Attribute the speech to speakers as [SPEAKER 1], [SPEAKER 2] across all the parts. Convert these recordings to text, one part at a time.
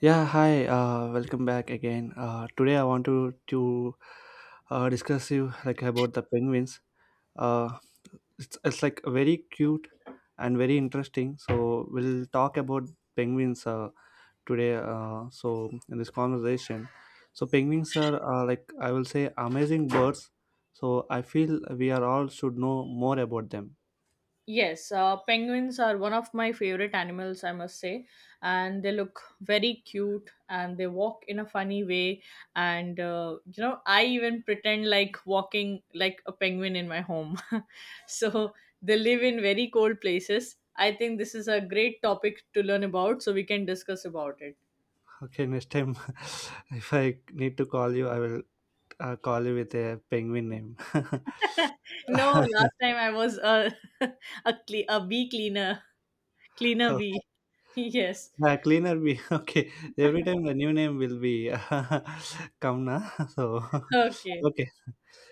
[SPEAKER 1] Yeah, hi. Welcome back again. Today I want to discuss you like about the penguins. Uh, it's like very cute and very interesting. So we'll talk about penguins today. So in this conversation, so penguins are like I will say amazing birds. So I feel we are all should know more about them.
[SPEAKER 2] Yes, penguins are one of my favorite animals, I must say. And they look very cute and they walk in a funny way. I even pretend like walking like a penguin in my home. So they live in very cold places. I think this is a great topic to learn about, so we can discuss about it.
[SPEAKER 1] Okay, next time if I need to call you, I will call you with a penguin name.
[SPEAKER 2] No, last time I was a, a, a bee cleaner, cleaner
[SPEAKER 1] Oh,
[SPEAKER 2] bee. Yes.
[SPEAKER 1] cleaner bee. Okay, every time the new name will be come na. So
[SPEAKER 2] Okay.
[SPEAKER 1] okay,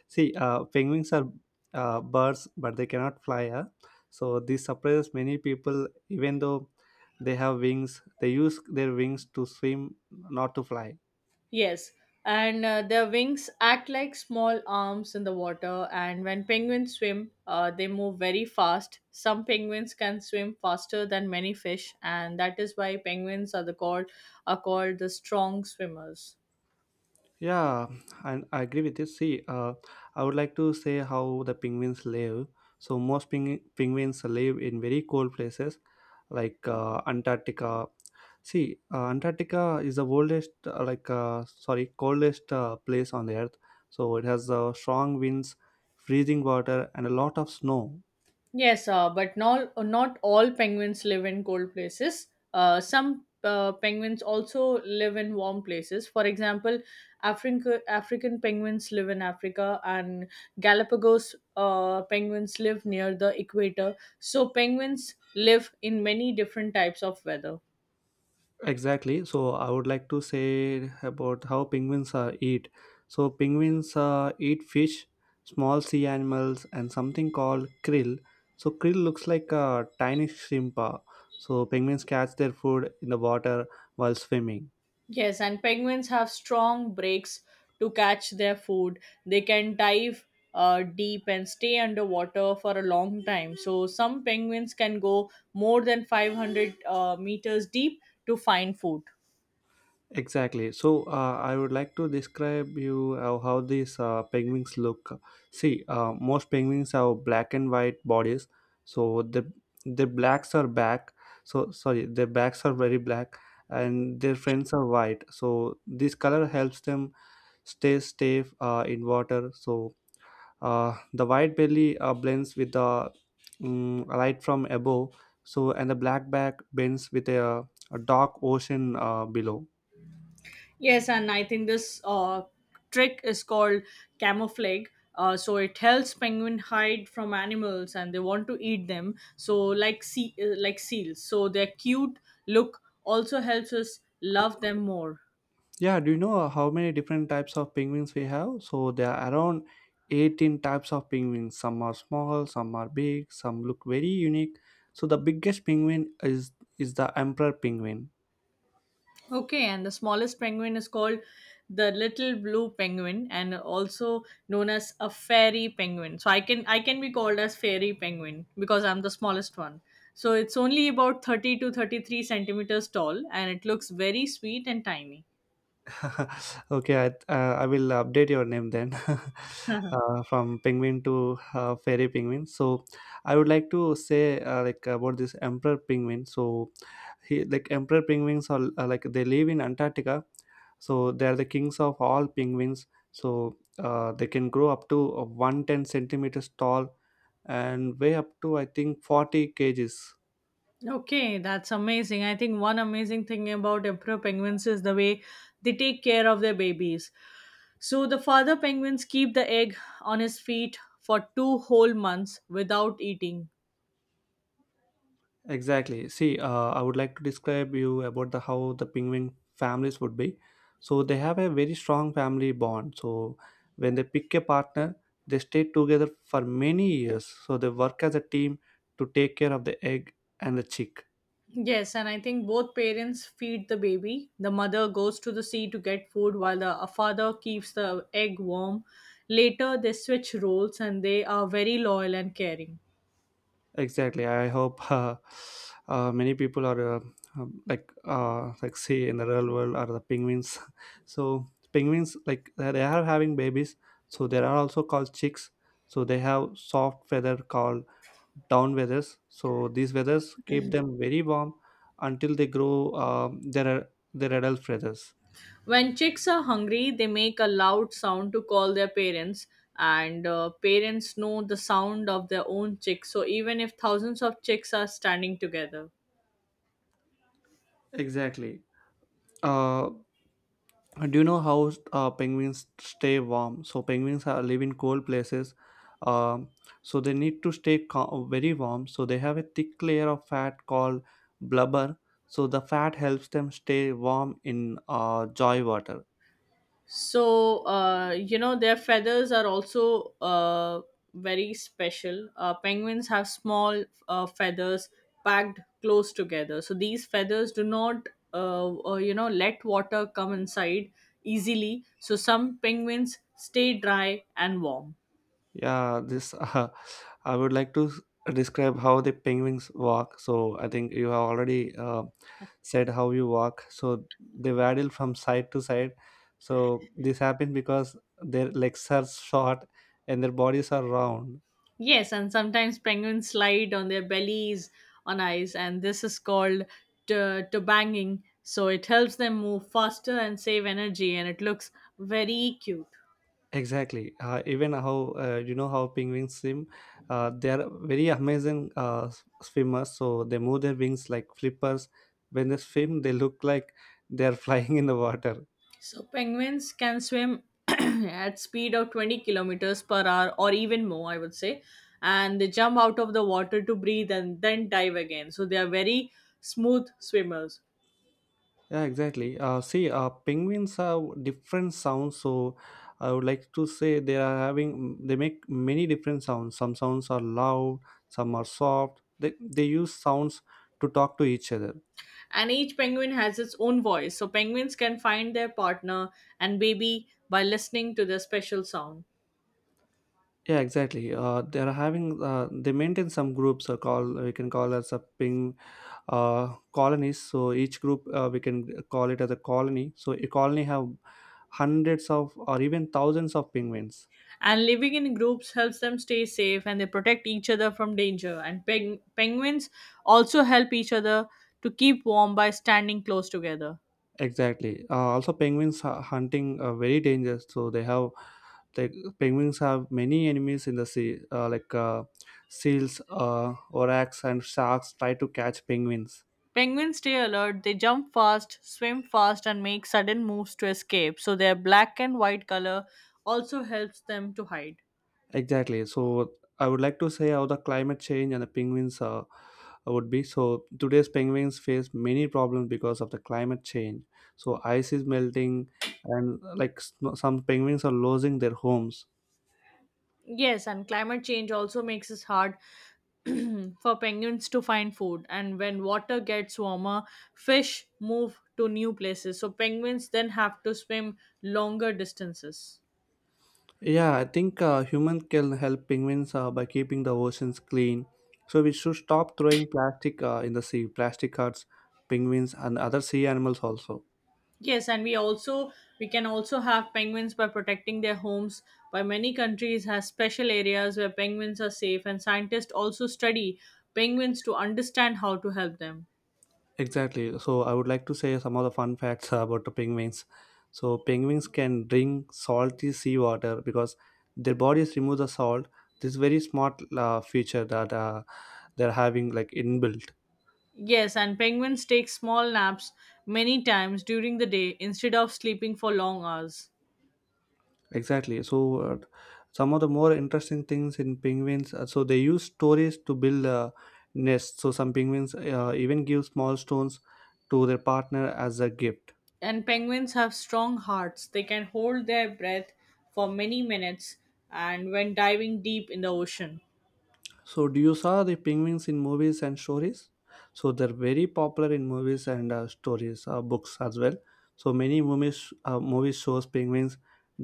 [SPEAKER 1] see, penguins are birds, but they cannot fly. Huh? So this surprises many people, even though they have wings. They use their wings to swim, not to fly.
[SPEAKER 2] Yes, and their wings act like small arms in the water. And when penguins swim, they move very fast. Some penguins can swim faster than many fish, and that is why penguins are called the strong swimmers.
[SPEAKER 1] Yeah, and I agree with you. See, I would like to say how the penguins live. So most penguins live in very cold places like Antarctica. See, Antarctica is the coldest place on the earth. So it has strong winds, freezing water, and a lot of snow.
[SPEAKER 2] Yes, but not all penguins live in cold places. Some penguins also live in warm places. For example, African penguins live in Africa, and Galapagos penguins live near the equator. So, penguins live in many different types of weather.
[SPEAKER 1] Exactly. So I would like to say about how penguins eat. So penguins eat fish, small sea animals, and something called krill. So krill looks like a tiny shrimp. So penguins catch their food in the water while swimming.
[SPEAKER 2] Yes, and penguins have strong breaks to catch their food. They can dive deep and stay underwater for a long time. So, some penguins can go more than 500 meters deep to find food.
[SPEAKER 1] Exactly. So I would like to describe you how these penguins look. See, most penguins have black and white bodies, so the their blacks are back. So sorry, their backs are very black, and their friends are white. So this color helps them stay safe in water. So the white belly blends with the light from above. So and the black back bends with a dark ocean below.
[SPEAKER 2] Yes, and I think this trick is called camouflage. So it helps penguin hide from animals, and they want to eat them. So like like seals. So their cute look also helps us love them more.
[SPEAKER 1] Yeah, do you know how many different types of penguins we have? So there are around 18 types of penguins. Some are small, some are big, some look very unique. So the biggest penguin is the emperor penguin.
[SPEAKER 2] Okay, and the smallest penguin is called the little blue penguin and also known as a fairy penguin. So I can be called as fairy penguin because I'm the smallest one. So it's only about 30 to 33 centimeters tall and it looks very sweet and tiny.
[SPEAKER 1] Okay, I will update your name then, from penguin to fairy penguin. So, I would like to say like about this emperor penguin. So, he like emperor penguins are they live in Antarctica. So they are the kings of all penguins. So they can grow up to 110 centimeters tall and weigh up to I think 40 kg kgs.
[SPEAKER 2] Okay, that's amazing. I think one amazing thing about emperor penguins is the way they take care of their babies. So the father penguins keep the egg on his feet for two whole months without eating.
[SPEAKER 1] Exactly. See, I would like to describe you about the how the penguin families would be. So they have a very strong family bond. So when they pick a partner, they stay together for many years. So they work as a team to take care of the egg and the chick.
[SPEAKER 2] Yes, and I think both parents feed the baby. The mother goes to the sea to get food while the a father keeps the egg warm. Later, they switch roles and they are very loyal and caring.
[SPEAKER 1] Exactly. I hope many people are like say in the real world are the penguins. So penguins like they are having babies. So there are also called chicks. So they have soft feather called down feathers. So these feathers keep them very warm until they grow their adult feathers.
[SPEAKER 2] When chicks are hungry, they make a loud sound to call their parents, and parents know the sound of their own chicks. So, even if thousands of chicks are standing together,
[SPEAKER 1] Exactly. Uh, do you know how penguins stay warm? So penguins live in cold places, um, so they need to stay very warm. So they have a thick layer of fat called blubber. So the fat helps them stay warm in joy water.
[SPEAKER 2] so, their feathers are also very special. Penguins have small feathers packed close together. So, these feathers do not, let water come inside easily. So, some penguins stay dry and warm.
[SPEAKER 1] Yeah, this I would like to describe how the penguins walk. So I think you have already said how you walk. So they waddle from side to side. So this happens because their legs are short and their bodies are round.
[SPEAKER 2] Yes, and sometimes penguins slide on their bellies on ice, and this is called banging. So, it helps them move faster and save energy, and it looks very cute.
[SPEAKER 1] Exactly. Even how you know how penguins swim, they are very amazing swimmers. So they move their wings like flippers. When they swim, they look like they are flying in the water.
[SPEAKER 2] So penguins can swim at speed of 20 kilometers per hour or even more, I would say, and they jump out of the water to breathe and then dive again. So they are very smooth swimmers.
[SPEAKER 1] Yeah, exactly. See, penguins have different sounds, so I would like to say they are having they make many different sounds. Some sounds are loud, some are soft. They use sounds to talk to each other.
[SPEAKER 2] And each penguin has its own voice. So penguins can find their partner and baby by listening to their special sound.
[SPEAKER 1] Yeah, exactly. They are having they maintain some groups. Call we can call as a ping colonies. So each group we can call it as a colony. So a colony have hundreds of or even thousands of penguins.
[SPEAKER 2] And living in groups helps them stay safe and they protect each other from danger. And penguins also help each other to keep warm by standing close together.
[SPEAKER 1] Exactly. Also, penguins are hunting are very dangerous. So they have like penguins have many enemies in the sea, like seals, orcas, and sharks try to catch penguins.
[SPEAKER 2] Penguins stay alert, they jump fast, swim fast, and make sudden moves to escape, so their black and white color also helps them to hide.
[SPEAKER 1] Exactly. So I would like to say how the climate change and the penguins would be. So today's penguins face many problems because of the climate change. So ice is melting, and some penguins are losing their homes.
[SPEAKER 2] Yes, and climate change also makes it hard for penguins to find food. And when water gets warmer, fish move to new places, so penguins then have to swim longer distances.
[SPEAKER 1] Yeah, I think humans can help penguins by keeping the oceans clean. So we should stop throwing plastic in the sea, plastic hurts penguins and other sea animals also.
[SPEAKER 2] Yes, and we can also have penguins by protecting their homes. By many countries has special areas where penguins are safe, and scientists also study penguins to understand how to help them.
[SPEAKER 1] Exactly. So I would like to say some of the fun facts about the penguins. So penguins can drink salty seawater because their bodies remove the salt. This is very smart feature that they're having like inbuilt.
[SPEAKER 2] Yes, and penguins take small naps many times during the day instead of sleeping for long hours.
[SPEAKER 1] Exactly. So, some of the more interesting things in penguins, so they use stories to build nests. So, some penguins even give small stones to their partner as a gift.
[SPEAKER 2] And penguins have strong hearts. They can hold their breath for many minutes and when diving deep in the ocean.
[SPEAKER 1] So, do you saw the penguins in movies and stories? So, they're very popular in movies and stories, books as well. So, many movies shows penguins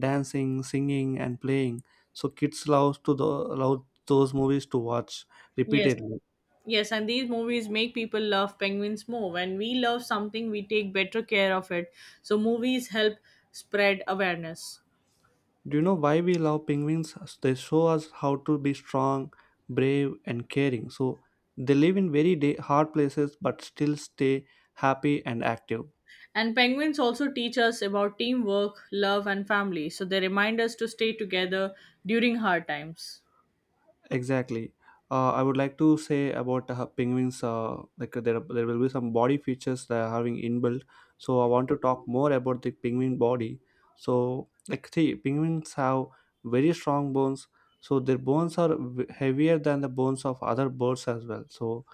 [SPEAKER 1] dancing, singing, and playing. So, kids love love those movies to watch
[SPEAKER 2] Yes.
[SPEAKER 1] repeatedly.
[SPEAKER 2] Yes, and these movies make people love penguins more. When we love something, we take better care of it. So movies help spread awareness.
[SPEAKER 1] Do you know why we love penguins? They show us how to be strong, brave, and caring. So they live in very hard places but still stay happy and active.
[SPEAKER 2] And penguins also teach us about teamwork, love, and family. So they remind us to stay together during hard times.
[SPEAKER 1] Exactly. I would like to say about penguins. There will be some body features that are having inbuilt. So I want to talk more about the penguin body. So like see, penguins have very strong bones. So their bones are heavier than the bones of other birds as well. So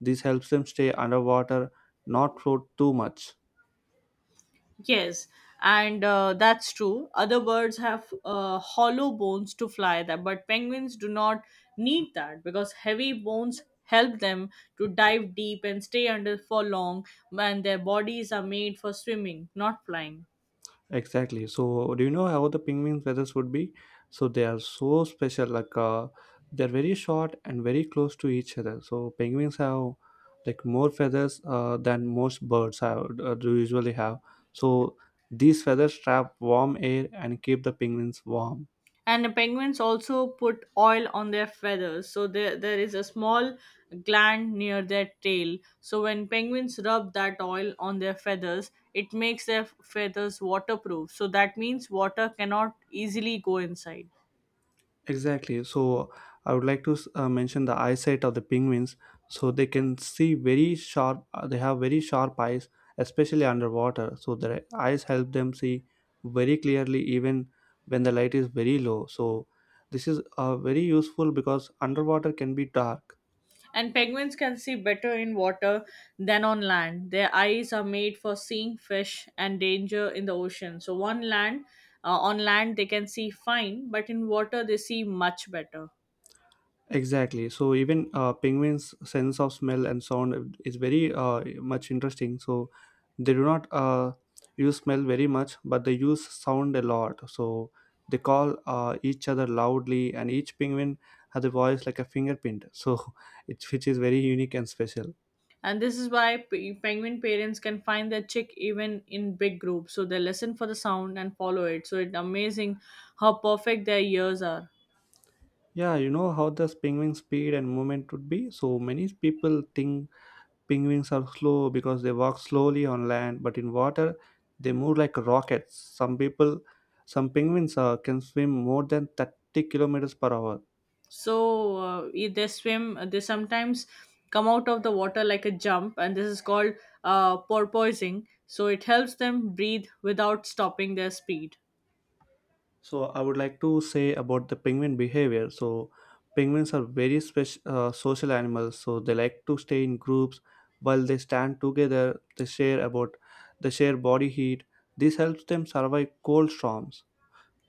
[SPEAKER 1] this helps them stay underwater, not float too much.
[SPEAKER 2] Yes, and that's true. Other birds have hollow bones to fly that, but penguins do not need that because heavy bones help them to dive deep and stay under for long, and their bodies are made for swimming, not flying.
[SPEAKER 1] Exactly. So, do you know how the penguin feathers would be? So, they are so special. Like, they're very short and very close to each other. So, penguins have like more feathers than most birds have do usually have. So, these feathers trap warm air and keep the penguins warm.
[SPEAKER 2] And the penguins also put oil on their feathers, so there is a small gland near their tail. So when penguins rub that oil on their feathers it makes their feathers waterproof, so that means water cannot easily go inside.
[SPEAKER 1] Exactly. So I would like to mention the eyesight of the penguins. So they can see very sharp. They have very sharp eyes, especially underwater. So their eyes help them see very clearly even when the light is very low. So this is very useful because underwater can be dark.
[SPEAKER 2] And penguins can see better in water than on land. Their eyes are made for seeing fish and danger in the ocean, so one land, on land they can see fine but in water they see much better.
[SPEAKER 1] Exactly. So even penguins' sense of smell and sound is very much interesting. So they do not use smell very much, but they use sound a lot. So they call each other loudly, and each penguin has a voice like a fingerprint. So it's which is very unique and special.
[SPEAKER 2] And this is why penguin parents can find their chick even in big groups. So they listen for the sound and follow it. So it's amazing how perfect their ears are.
[SPEAKER 1] Yeah, you know how the penguin speed and movement would be. So many people think penguins are slow because they walk slowly on land, but in water, they move like rockets. Some people, some penguins can swim more than 30 kilometers per hour.
[SPEAKER 2] So if they swim, they sometimes come out of the water like a jump, and this is called porpoising. So it helps them breathe without stopping their speed.
[SPEAKER 1] So, I would like to say about the penguin behavior. So, penguins are very special social animals. So, they like to stay in groups while they stand together. They share body heat. This helps them survive cold storms.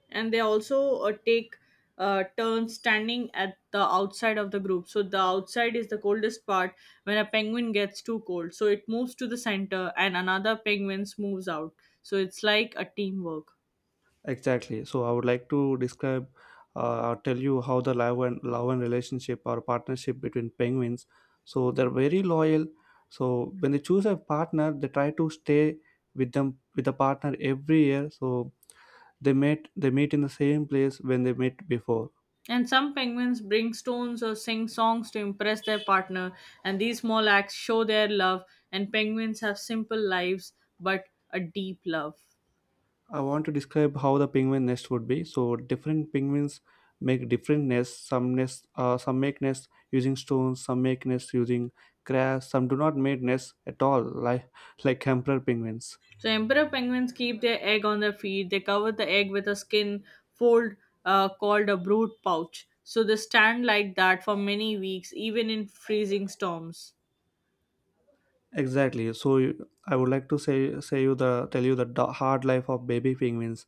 [SPEAKER 2] And they also take turns standing at the outside of the group. So the outside is the coldest part when a penguin gets too cold. So it moves to the center and another penguins moves out. So it's like a teamwork.
[SPEAKER 1] Exactly. So I would like to describe or tell you how the love and relationship or partnership between penguins. So they're very loyal. So when they choose a partner, they try to stay with the partner every year. So they meet in the same place when they met before.
[SPEAKER 2] And some penguins bring stones or sing songs to impress their partner, and these small acts show their love. And penguins have simple lives but a deep love.
[SPEAKER 1] I want to describe how the penguin nest would be. So different penguins make different nests. Some nests, some make nests using stones. Some make nests using grass. Some do not make nests at all, like emperor penguins.
[SPEAKER 2] So emperor penguins keep their egg on their feet. They cover the egg with a skin fold called a brood pouch. So they stand like that for many weeks, even in freezing storms.
[SPEAKER 1] Exactly. So I would like to say say you the tell you the hard life of baby penguins.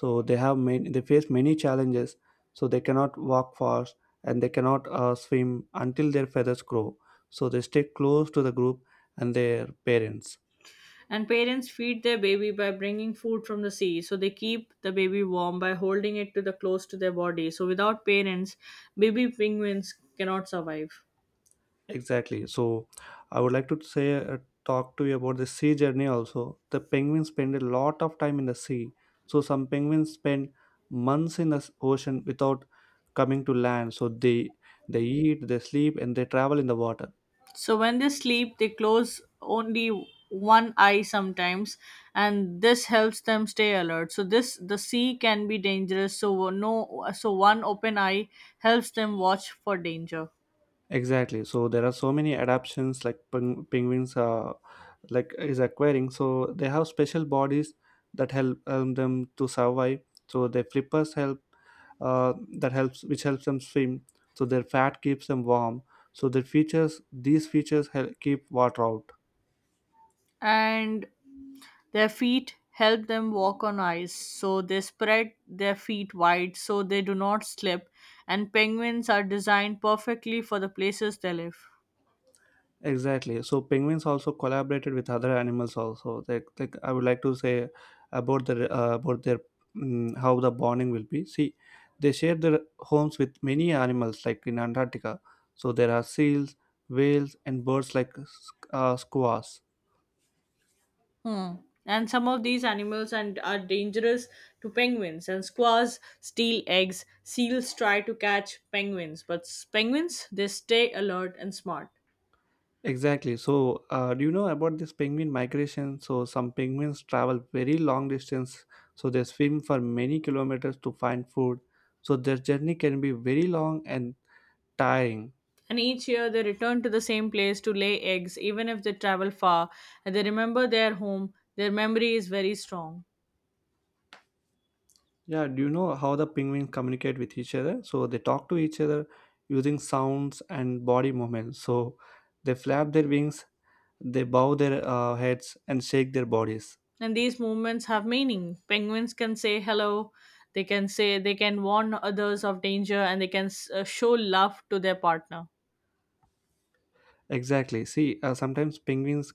[SPEAKER 1] So they have many they face many challenges. So they cannot walk fast and they cannot swim until their feathers grow. So they stay close to the group and their parents.
[SPEAKER 2] And parents feed their baby by bringing food from the sea. So they keep the baby warm by holding it to the close to their body. So without parents, baby penguins cannot survive.
[SPEAKER 1] Exactly. So I would like to say talk to you about the sea journey also. The penguins spend a lot of time in the sea. So some penguins spend months in the ocean without coming to land. So they eat, they sleep and they travel in the water.
[SPEAKER 2] So when they sleep, they close only one eye sometimes, and this helps them stay alert. So this the sea can be dangerous. So no, so one open eye helps them watch for danger,
[SPEAKER 1] Exactly. So there are so many adaptions like penguins are like is acquiring. So they have special bodies that help them to survive. So their flippers help uh, that helps which helps them swim. So their fat keeps them warm. So their features these features help keep water out.
[SPEAKER 2] and their feet help them walk on ice. So they spread their feet wide so they do not slip, and penguins are designed perfectly for the places they live.
[SPEAKER 1] Exactly. So penguins also collaborated with other animals. Also, like I would like to say about the about their how the bonding will be. See, they share their homes with many animals, like in Antarctica. So there are seals, whales, and birds like squaws.
[SPEAKER 2] Hmm. And some of these animals and are dangerous to penguins. And squaws steal eggs. Seals try to catch penguins, but penguins they stay alert and smart.
[SPEAKER 1] Exactly. So, do you know about this penguin migration? So, some penguins travel very long distance. So they swim for many kilometers to find food. So their journey can be very long and tiring.
[SPEAKER 2] And each year they return to the same place to lay eggs, even if they travel far. And they remember their home. Their memory is very strong.
[SPEAKER 1] Yeah, do you know how the penguins communicate with each other? So they talk to each other using sounds and body movements. So they flap their wings, they bow their heads, and shake their bodies.
[SPEAKER 2] And these movements have meaning. Penguins can say hello. They can warn others of danger, and they can show love to their partner.
[SPEAKER 1] Exactly. See, sometimes penguins,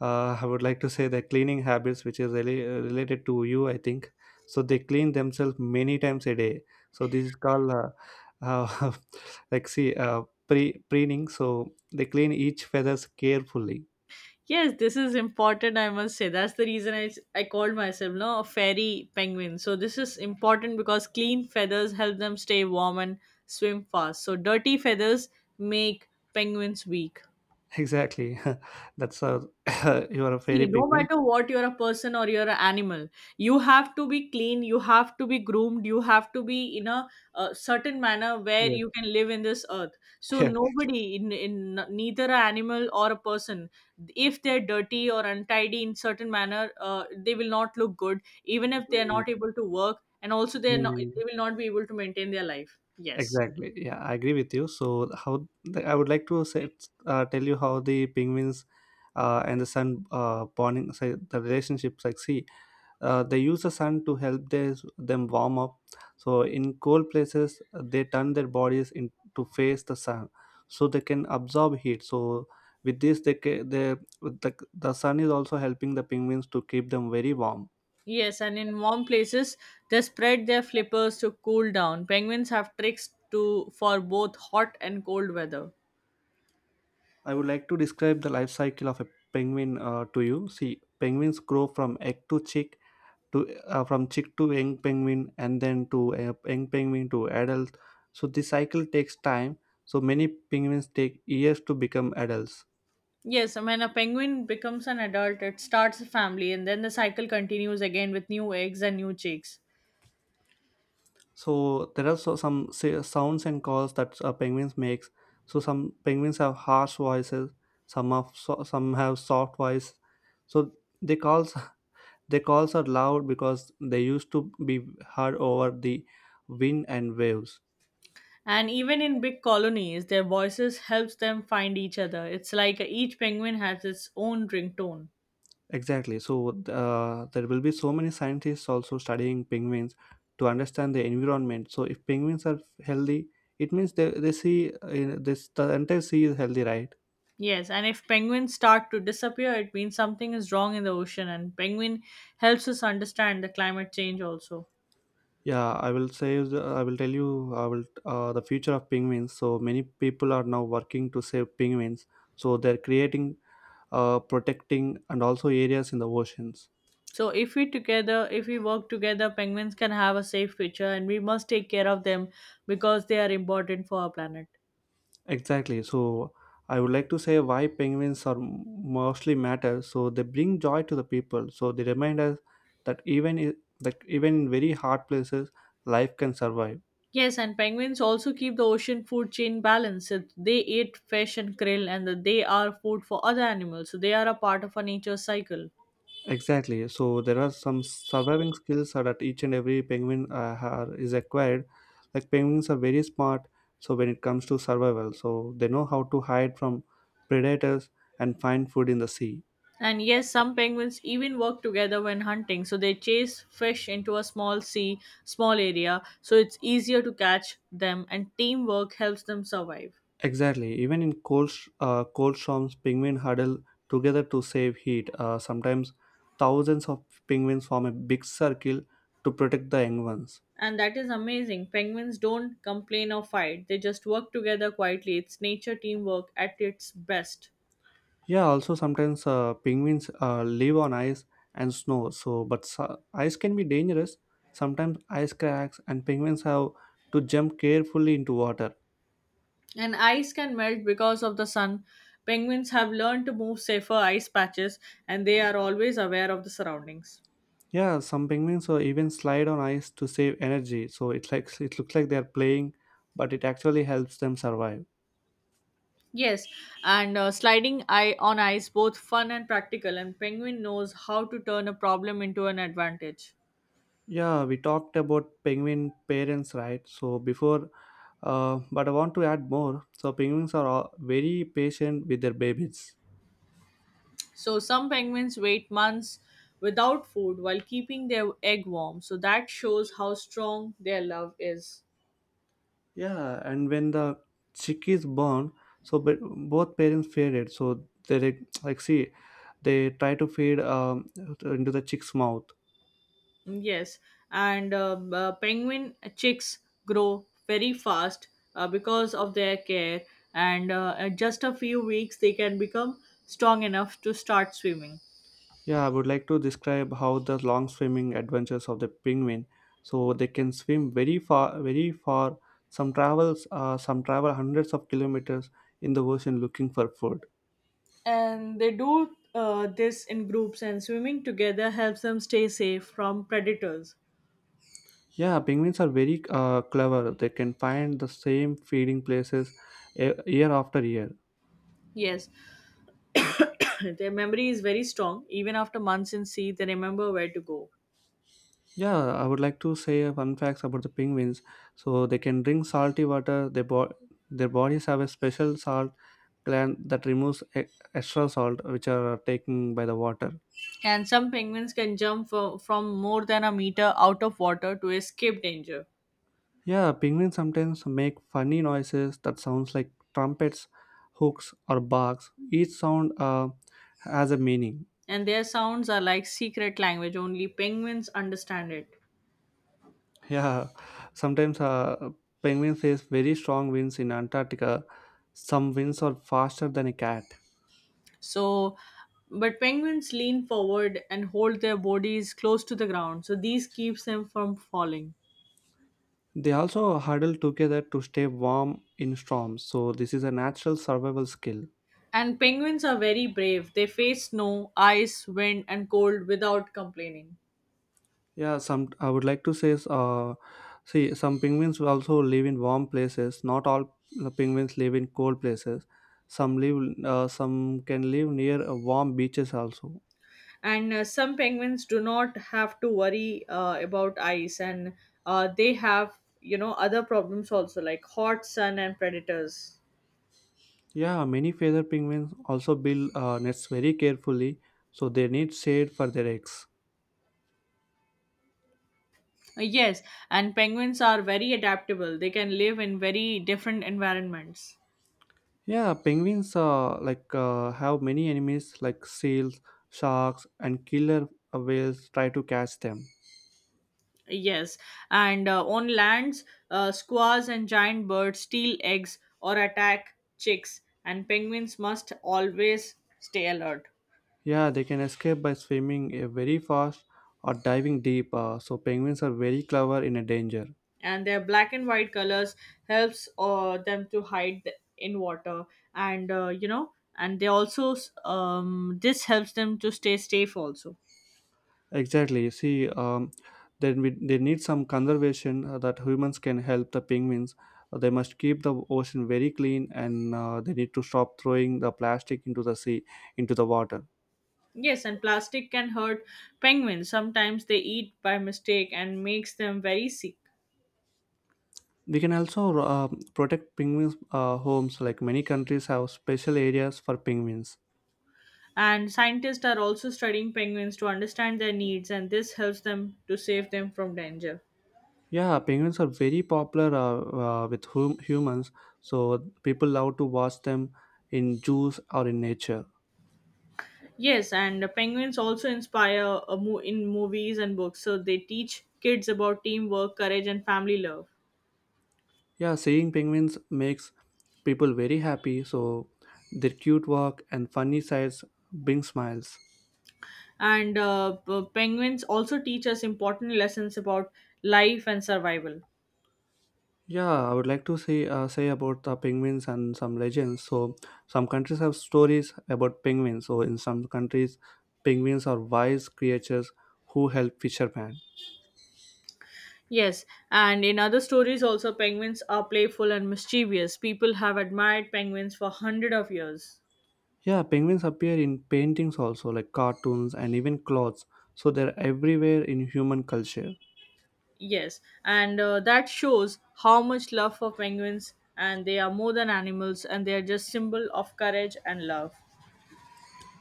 [SPEAKER 1] I would like to say, their cleaning habits, which is really related to you, I think. So they clean themselves many times a day. So this is called, uh, like, see, preening. So they clean each feathers carefully.
[SPEAKER 2] Yes, this is important, I must say. That's the reason I called myself no, a fairy penguin. So, this is important because clean feathers help them stay warm and swim fast. So, dirty feathers make penguins weak.
[SPEAKER 1] Exactly. That's a you are a fairy
[SPEAKER 2] See, no
[SPEAKER 1] penguin.
[SPEAKER 2] matter what you're a person or you're an animal, you have to be clean, you have to be groomed, you have to be in a, certain manner where
[SPEAKER 1] Yeah.
[SPEAKER 2] you can live in this earth. So
[SPEAKER 1] Yeah.
[SPEAKER 2] nobody, in neither an animal or a person, if they're dirty or untidy in certain manner, they will not look good, even if they're not able to work, and also
[SPEAKER 1] Mm,
[SPEAKER 2] they will not be able to maintain their life. Yes.
[SPEAKER 1] exactly. Yeah, I agree with you. So how the, I would like to say, tell you how the penguins and the sun bonding say the relationships like see. They use the sun to help their, them warm up. So, in cold places, they turn their bodies in, to face the sun so they can absorb heat. So, with this, they the sun is also helping the penguins to keep them very warm.
[SPEAKER 2] Yes, and in warm places, they spread their flippers to cool down. Penguins have tricks to for both hot and cold weather.
[SPEAKER 1] I would like to describe the life cycle of a penguin to you. See, penguins grow from egg to chick to from chick to young penguin and then to young penguin to adult, so this cycle takes time, so many penguins take years to become adults.
[SPEAKER 2] Yes, and when a penguin becomes an adult, it starts a family, and then the cycle continues again with new eggs and new chicks.
[SPEAKER 1] So there are some sounds and calls that penguins makes. So some penguins have harsh voices, some have soft voice. So they calls their calls are loud because they used to be heard over the wind and waves.
[SPEAKER 2] And even in big colonies, their voices helps them find each other. It's like each penguin has its own ringtone.
[SPEAKER 1] Exactly. So there will be so many scientists also studying penguins to understand the environment. So if penguins are healthy, it means they see this the entire sea is healthy, right?
[SPEAKER 2] Yes, and if penguins start to disappear, it means something is wrong in the ocean, and penguin helps us understand the climate change also.
[SPEAKER 1] Yeah, I will say I will tell you I will the future of penguins. So many people are now working to save penguins. So they're creating, protecting, and also areas in the oceans.
[SPEAKER 2] So if we work together, penguins can have a safe future, and we must take care of them because they are important for our planet.
[SPEAKER 1] Exactly. So I would like to say why penguins are mostly matter. So they bring joy to the people. So they remind us that even i- that even in very hard places, life can survive.
[SPEAKER 2] Yes, and penguins also keep the ocean food chain balanced. So they eat fish and krill, and they are food for other animals. So they are a part of a nature cycle.
[SPEAKER 1] Exactly. So there are some surviving skills are that each and every penguin is acquired. Like penguins are very smart. So when it comes to survival, so they know how to hide from predators and find food in the sea.
[SPEAKER 2] And yes, some penguins even work together when hunting. So they chase fish into a small sea, small area, so it's easier to catch them, and teamwork helps them survive.
[SPEAKER 1] Exactly. Even in cold, cold storms, penguins huddle together to save heat. Sometimes thousands of penguins form a big circle to protect the young ones.
[SPEAKER 2] And that is amazing. Penguins don't complain or fight, they just work together quietly. It's nature teamwork at its best.
[SPEAKER 1] Yeah. Also, sometimes penguins live on ice and snow. So, but ice can be dangerous. Sometimes ice cracks, and penguins have to jump carefully into water.
[SPEAKER 2] And ice can melt because of the sun. Penguins have learned to move safer ice patches, and they are always aware of the surroundings.
[SPEAKER 1] Yeah. Some penguins even slide on ice to save energy. So it like it looks like they are playing, but it actually helps them survive.
[SPEAKER 2] Yes, and sliding on ice both fun and practical, and penguin knows how to turn a problem into an advantage.
[SPEAKER 1] Yeah, we talked about penguin parents, right? So before, but I want to add more. So penguins are all very patient with their babies.
[SPEAKER 2] So some penguins wait months without food while keeping their egg warm. So that shows how strong their love is.
[SPEAKER 1] Yeah, and when the chick is born, so but both parents fear it. So they see, they try to feed into the chick's mouth.
[SPEAKER 2] Mm, yes, and penguin chicks grow very fast because of their care, and in just a few weeks they can become strong enough to start swimming.
[SPEAKER 1] Yeah, I would like to describe how the long swimming adventures of the penguin. So they can swim very far, very far. Some travel hundreds of kilometers in the ocean looking for food.
[SPEAKER 2] And they do this in groups, and swimming together helps them stay safe from predators.
[SPEAKER 1] Yeah, penguins are very clever. They can find the same feeding places year after year.
[SPEAKER 2] Yes, their memory is very strong. Even after months in sea, they remember where to go.
[SPEAKER 1] Yeah, I would like to say fun facts about the penguins. So they can drink salty water. Their bodies have a special salt gland that removes extra salt which are taken by the water.
[SPEAKER 2] And some penguins can jump from more than a meter out of water to escape danger.
[SPEAKER 1] Yeah, penguins sometimes make funny noises that sounds like trumpets, hooks, or barks. Each sound has a meaning.
[SPEAKER 2] And their sounds are like secret language, only penguins understand it.
[SPEAKER 1] Yeah, sometimes penguins face very strong winds in Antarctica. Some winds are faster than a cat.
[SPEAKER 2] So, but penguins lean forward and hold their bodies close to the ground, so these keeps them from falling.
[SPEAKER 1] They also huddle together to stay warm in storms. So this is a natural survival skill.
[SPEAKER 2] And penguins are very brave. They face snow, ice, wind, and cold without complaining.
[SPEAKER 1] Yeah, some I would like to say, see, some penguins will also live in warm places. Not all the penguins live in cold places. Some can live near warm beaches also.
[SPEAKER 2] And some penguins do not have to worry about ice, and they have other problems also like hot sun and predators.
[SPEAKER 1] Yeah, many feather penguins also build nests very carefully, so they need shade for their eggs.
[SPEAKER 2] Yes, and penguins are very adaptable, they can live in very different environments.
[SPEAKER 1] Yeah, penguins have many enemies like seals, sharks, and killer whales try to catch them.
[SPEAKER 2] Yes, and on lands, squaws and giant birds steal eggs or attack chicks, and penguins must always stay alert.
[SPEAKER 1] Yeah, they can escape by swimming very fast or diving deep. So penguins are very clever in a danger.
[SPEAKER 2] And their black and white colors helps them to hide in water, and and they also this helps them to stay safe also.
[SPEAKER 1] Exactly. See, then we, they need some conservation that humans can help the penguins. They must keep the ocean very clean, and they need to stop throwing the plastic into the sea, into the water.
[SPEAKER 2] Yes, and plastic can hurt penguins, sometimes they eat by mistake and makes them very sick.
[SPEAKER 1] We can also protect penguins' homes. Like many countries have special areas for penguins.
[SPEAKER 2] And scientists are also studying penguins to understand their needs, and this helps them to save them from danger.
[SPEAKER 1] Yeah, penguins are very popular with humans, so people love to watch them in zoos or in nature.
[SPEAKER 2] Yes, and the penguins also inspire in movies and books. So they teach kids about teamwork, courage, and family love.
[SPEAKER 1] Yeah, seeing penguins makes people very happy, so their cute walk and funny sides bring smiles.
[SPEAKER 2] And penguins also teach us important lessons about life and survival.
[SPEAKER 1] Yeah, I would like to say about the penguins and some legends. So some countries have stories about penguins. So in some countries, penguins are wise creatures who help fishermen.
[SPEAKER 2] Yes, and in other stories also penguins are playful and mischievous. People have admired penguins for hundred of years.
[SPEAKER 1] Yeah, penguins appear in paintings also, like cartoons and even clothes. So they're everywhere in human culture.
[SPEAKER 2] Yes, and that shows how much love for penguins, and they are more than animals, and they are just symbol of courage and love.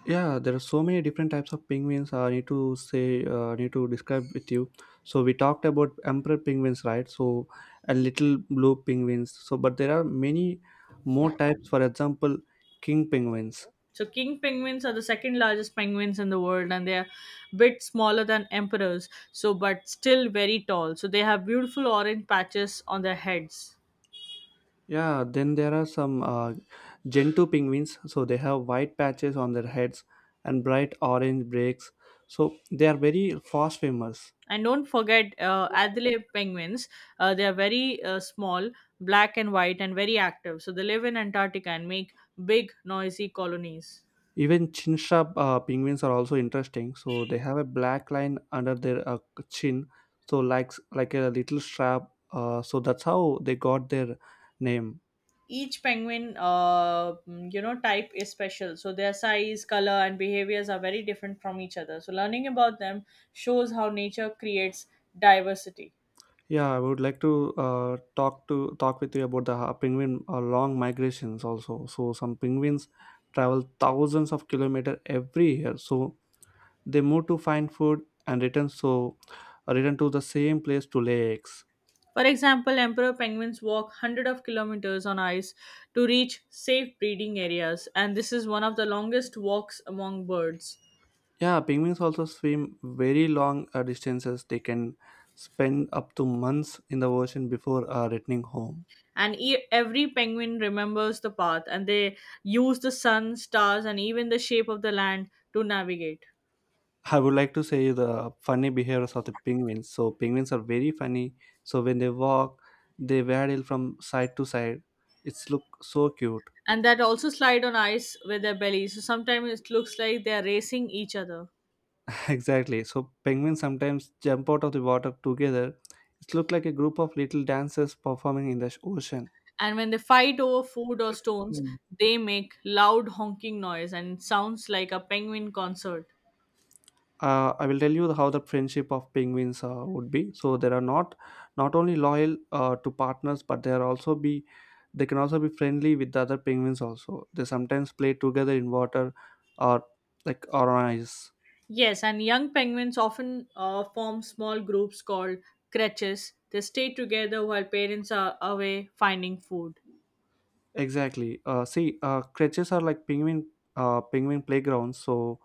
[SPEAKER 1] Yeah, there are so many different types of penguins. I need to say, I need to describe with you. So we talked about emperor penguins, right? So a little blue penguins. So but there are many more types. For example, king penguins.
[SPEAKER 2] So king penguins are the second largest penguins in the world, and they are bit smaller than emperors, so but still very tall. So they have beautiful orange patches on their heads.
[SPEAKER 1] Yeah, then there are some Gentoo penguins. So they have white patches on their heads and bright orange breaks. So they are very fast swimmers.
[SPEAKER 2] And don't forget Adelaide penguins. They are very small, black and white, and very active. So they live in Antarctica and make big, noisy colonies.
[SPEAKER 1] Even chin-sharp penguins are also interesting. So they have a black line under their chin, so like a little strap. So that's how they got their name.
[SPEAKER 2] Each penguin type is special, so their size, color and behaviors are very different from each other, so learning about them shows how nature creates diversity.
[SPEAKER 1] Yeah, I would like to talk with you about the penguin long migrations also. So some penguins travel thousands of kilometers every year. So they move to find food and return so return to the same place to lay eggs.
[SPEAKER 2] For example, emperor penguins walk hundreds of kilometers on ice to reach safe breeding areas, and this is one of the longest walks among birds.
[SPEAKER 1] Yeah, penguins also swim very long distances. They can spend up to months in the ocean before returning home.
[SPEAKER 2] And every penguin remembers the path, and they use the sun, stars, and even the shape of the land to navigate.
[SPEAKER 1] I would like to say the funny behaviors of the penguins. So penguins are very funny. So when they walk, they waddle from side to side. It's look so cute.
[SPEAKER 2] And that also slide on ice with their bellies. So sometimes it looks like they are racing each other.
[SPEAKER 1] Exactly. So penguins sometimes jump out of the water together. It look like a group of little dancers performing in the ocean.
[SPEAKER 2] And when they fight over food or stones, they make loud honking noise, and it sounds like a penguin concert.
[SPEAKER 1] I will tell you how the friendship of penguins would be. So they are not only loyal to partners, but they are also be they can also be friendly with the other penguins. Also, they sometimes play together in water or or on ice.
[SPEAKER 2] Yes, and young penguins often form small groups called creches. They stay together while parents are away finding food.
[SPEAKER 1] Exactly. See, creches are like penguin playgrounds. So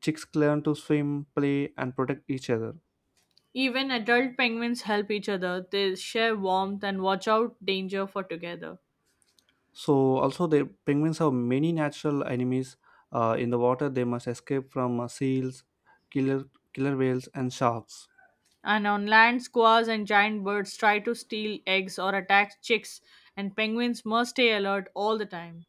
[SPEAKER 1] chicks learn to swim, play, and protect each other.
[SPEAKER 2] Even adult penguins help each other. They share warmth and watch out danger for together.
[SPEAKER 1] So also the penguins have many natural enemies in the water. They must escape from seals, killer killer whales, and sharks.
[SPEAKER 2] And on land, squirrels and giant birds try to steal eggs or attack chicks, and penguins must stay alert all the time.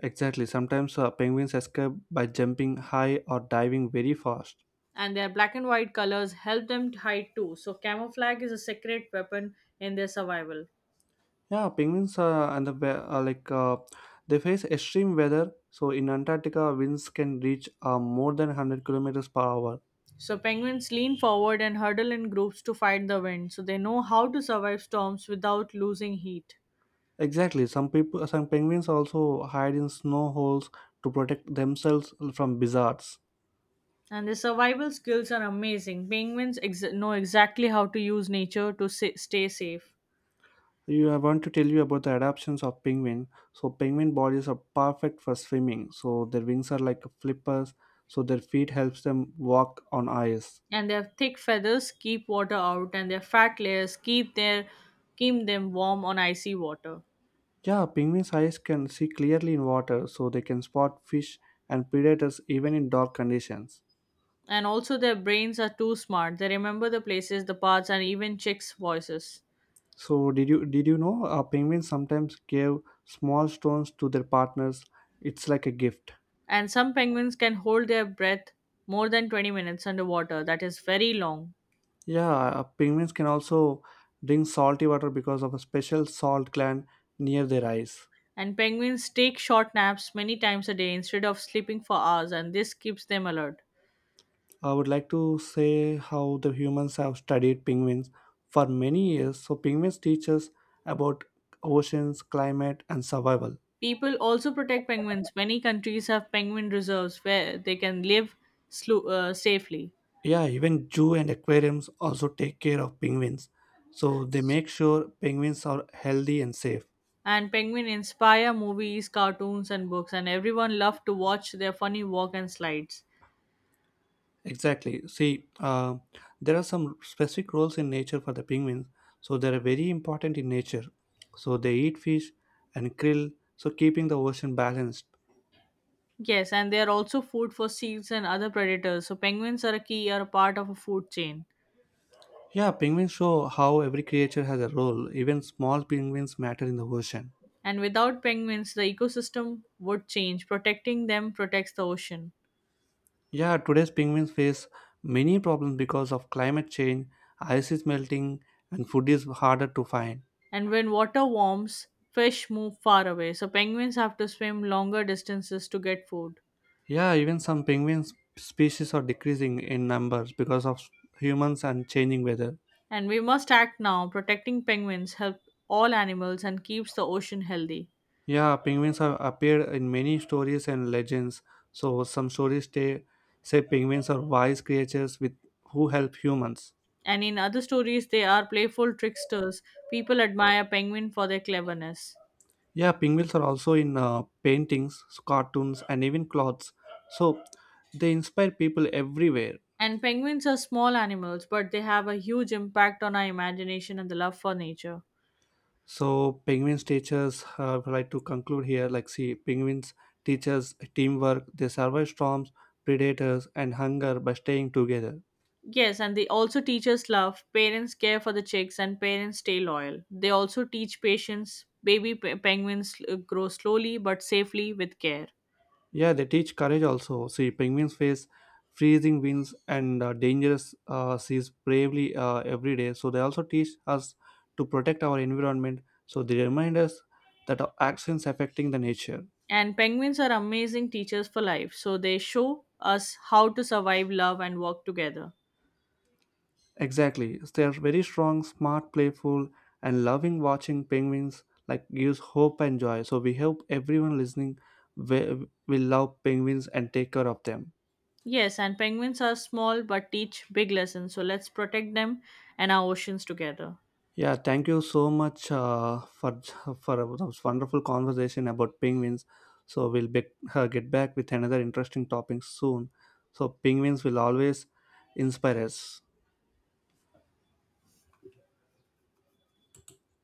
[SPEAKER 1] Exactly. Sometimes penguins escape by jumping high or diving very fast.
[SPEAKER 2] And their black and white colors help them to hide too, so camouflage is a secret weapon in their survival.
[SPEAKER 1] Yeah, penguins and the wea- like they face extreme weather. So in Antarctica, winds can reach more than 100 kilometers per hour.
[SPEAKER 2] So penguins lean forward and huddle in groups to fight the wind, so they know how to survive storms without losing heat.
[SPEAKER 1] Exactly. Some people, some penguins also hide in snow holes to protect themselves from blizzards.
[SPEAKER 2] And their survival skills are amazing. Penguins know exactly how to use nature to stay safe.
[SPEAKER 1] You, I want to tell you about the adaptations of penguin. So penguin bodies are perfect for swimming. So their wings are like flippers. So their feet helps them walk on ice.
[SPEAKER 2] And their thick feathers keep water out, and their fat layers keep their keep them warm on icy water.
[SPEAKER 1] Yeah, penguins' eyes can see clearly in water, so they can spot fish and predators even in dark conditions.
[SPEAKER 2] And also their brains are too smart, they remember the places, the paths, and even chicks voices.
[SPEAKER 1] So did you know penguins sometimes give small stones to their partners? It's like a gift.
[SPEAKER 2] And some penguins can hold their breath more than 20 minutes underwater, that is very long.
[SPEAKER 1] Yeah, penguins can also drink salty water because of a special salt gland near their eyes.
[SPEAKER 2] And penguins take short naps many times a day instead of sleeping for hours, and this keeps them alert.
[SPEAKER 1] I would like to say how the humans have studied penguins for many years. So, penguins teach us about oceans, climate, and survival.
[SPEAKER 2] People also protect penguins, many countries have penguin reserves where they can live safely.
[SPEAKER 1] Yeah, even zoo and aquariums also take care of penguins. So, they make sure penguins are healthy and safe.
[SPEAKER 2] And penguin inspire movies, cartoons, and books, and everyone loved to watch their funny walk and slides.
[SPEAKER 1] Exactly. See, there are some specific roles in nature for the penguins. So, they are very important in nature. So, they eat fish and krill, so keeping the ocean balanced.
[SPEAKER 2] Yes, and they are also food for seals and other predators, so penguins are a key are a part of a food chain.
[SPEAKER 1] Yeah, penguins show how every creature has a role. Even small penguins matter in the ocean.
[SPEAKER 2] And without penguins the ecosystem would change, protecting them protects the ocean.
[SPEAKER 1] Yeah, today's penguins face many problems because of climate change, ice is melting, and food is harder to find.
[SPEAKER 2] And when water warms, fish move far away, so penguins have to swim longer distances to get food.
[SPEAKER 1] Yeah, even some penguin species are decreasing in numbers because of humans and changing weather.
[SPEAKER 2] And we must act now, protecting penguins help all animals and keeps the ocean healthy.
[SPEAKER 1] Yeah, penguins have appeared in many stories and legends. So some stories say penguins are wise creatures with who help humans.
[SPEAKER 2] And in other stories, they are playful tricksters. People admire penguin for their cleverness.
[SPEAKER 1] Yeah, pinwheels are also in paintings, cartoons, and even clothes. So they inspire people everywhere.
[SPEAKER 2] And penguins are small animals, but they have a huge impact on our imagination and the love for nature.
[SPEAKER 1] So penguins teachers, I would like to conclude here. Like, see, penguins teachers teamwork. They survive storms, predators, and hunger by staying together.
[SPEAKER 2] Yes, and they also teach us love. Parents care for the chicks, and parents stay loyal. They also teach patience. Baby penguins grow slowly but safely with care.
[SPEAKER 1] Yeah, they teach courage also. See, penguins face freezing winds and dangerous seas bravely every day. So they also teach us to protect our environment. So they remind us that our actions affecting the nature.
[SPEAKER 2] And penguins are amazing teachers for life, so they show us how to survive love and work together.
[SPEAKER 1] Exactly. They are very strong, smart, playful, and loving. Watching penguins like gives hope and joy. So we hope everyone listening will love penguins and take care of them.
[SPEAKER 2] Yes, and penguins are small but teach big lessons. So let's protect them and our oceans together.
[SPEAKER 1] Yeah, thank you so much for this wonderful conversation about penguins. So we'll be, get back with another interesting topic soon. So penguins will always inspire us.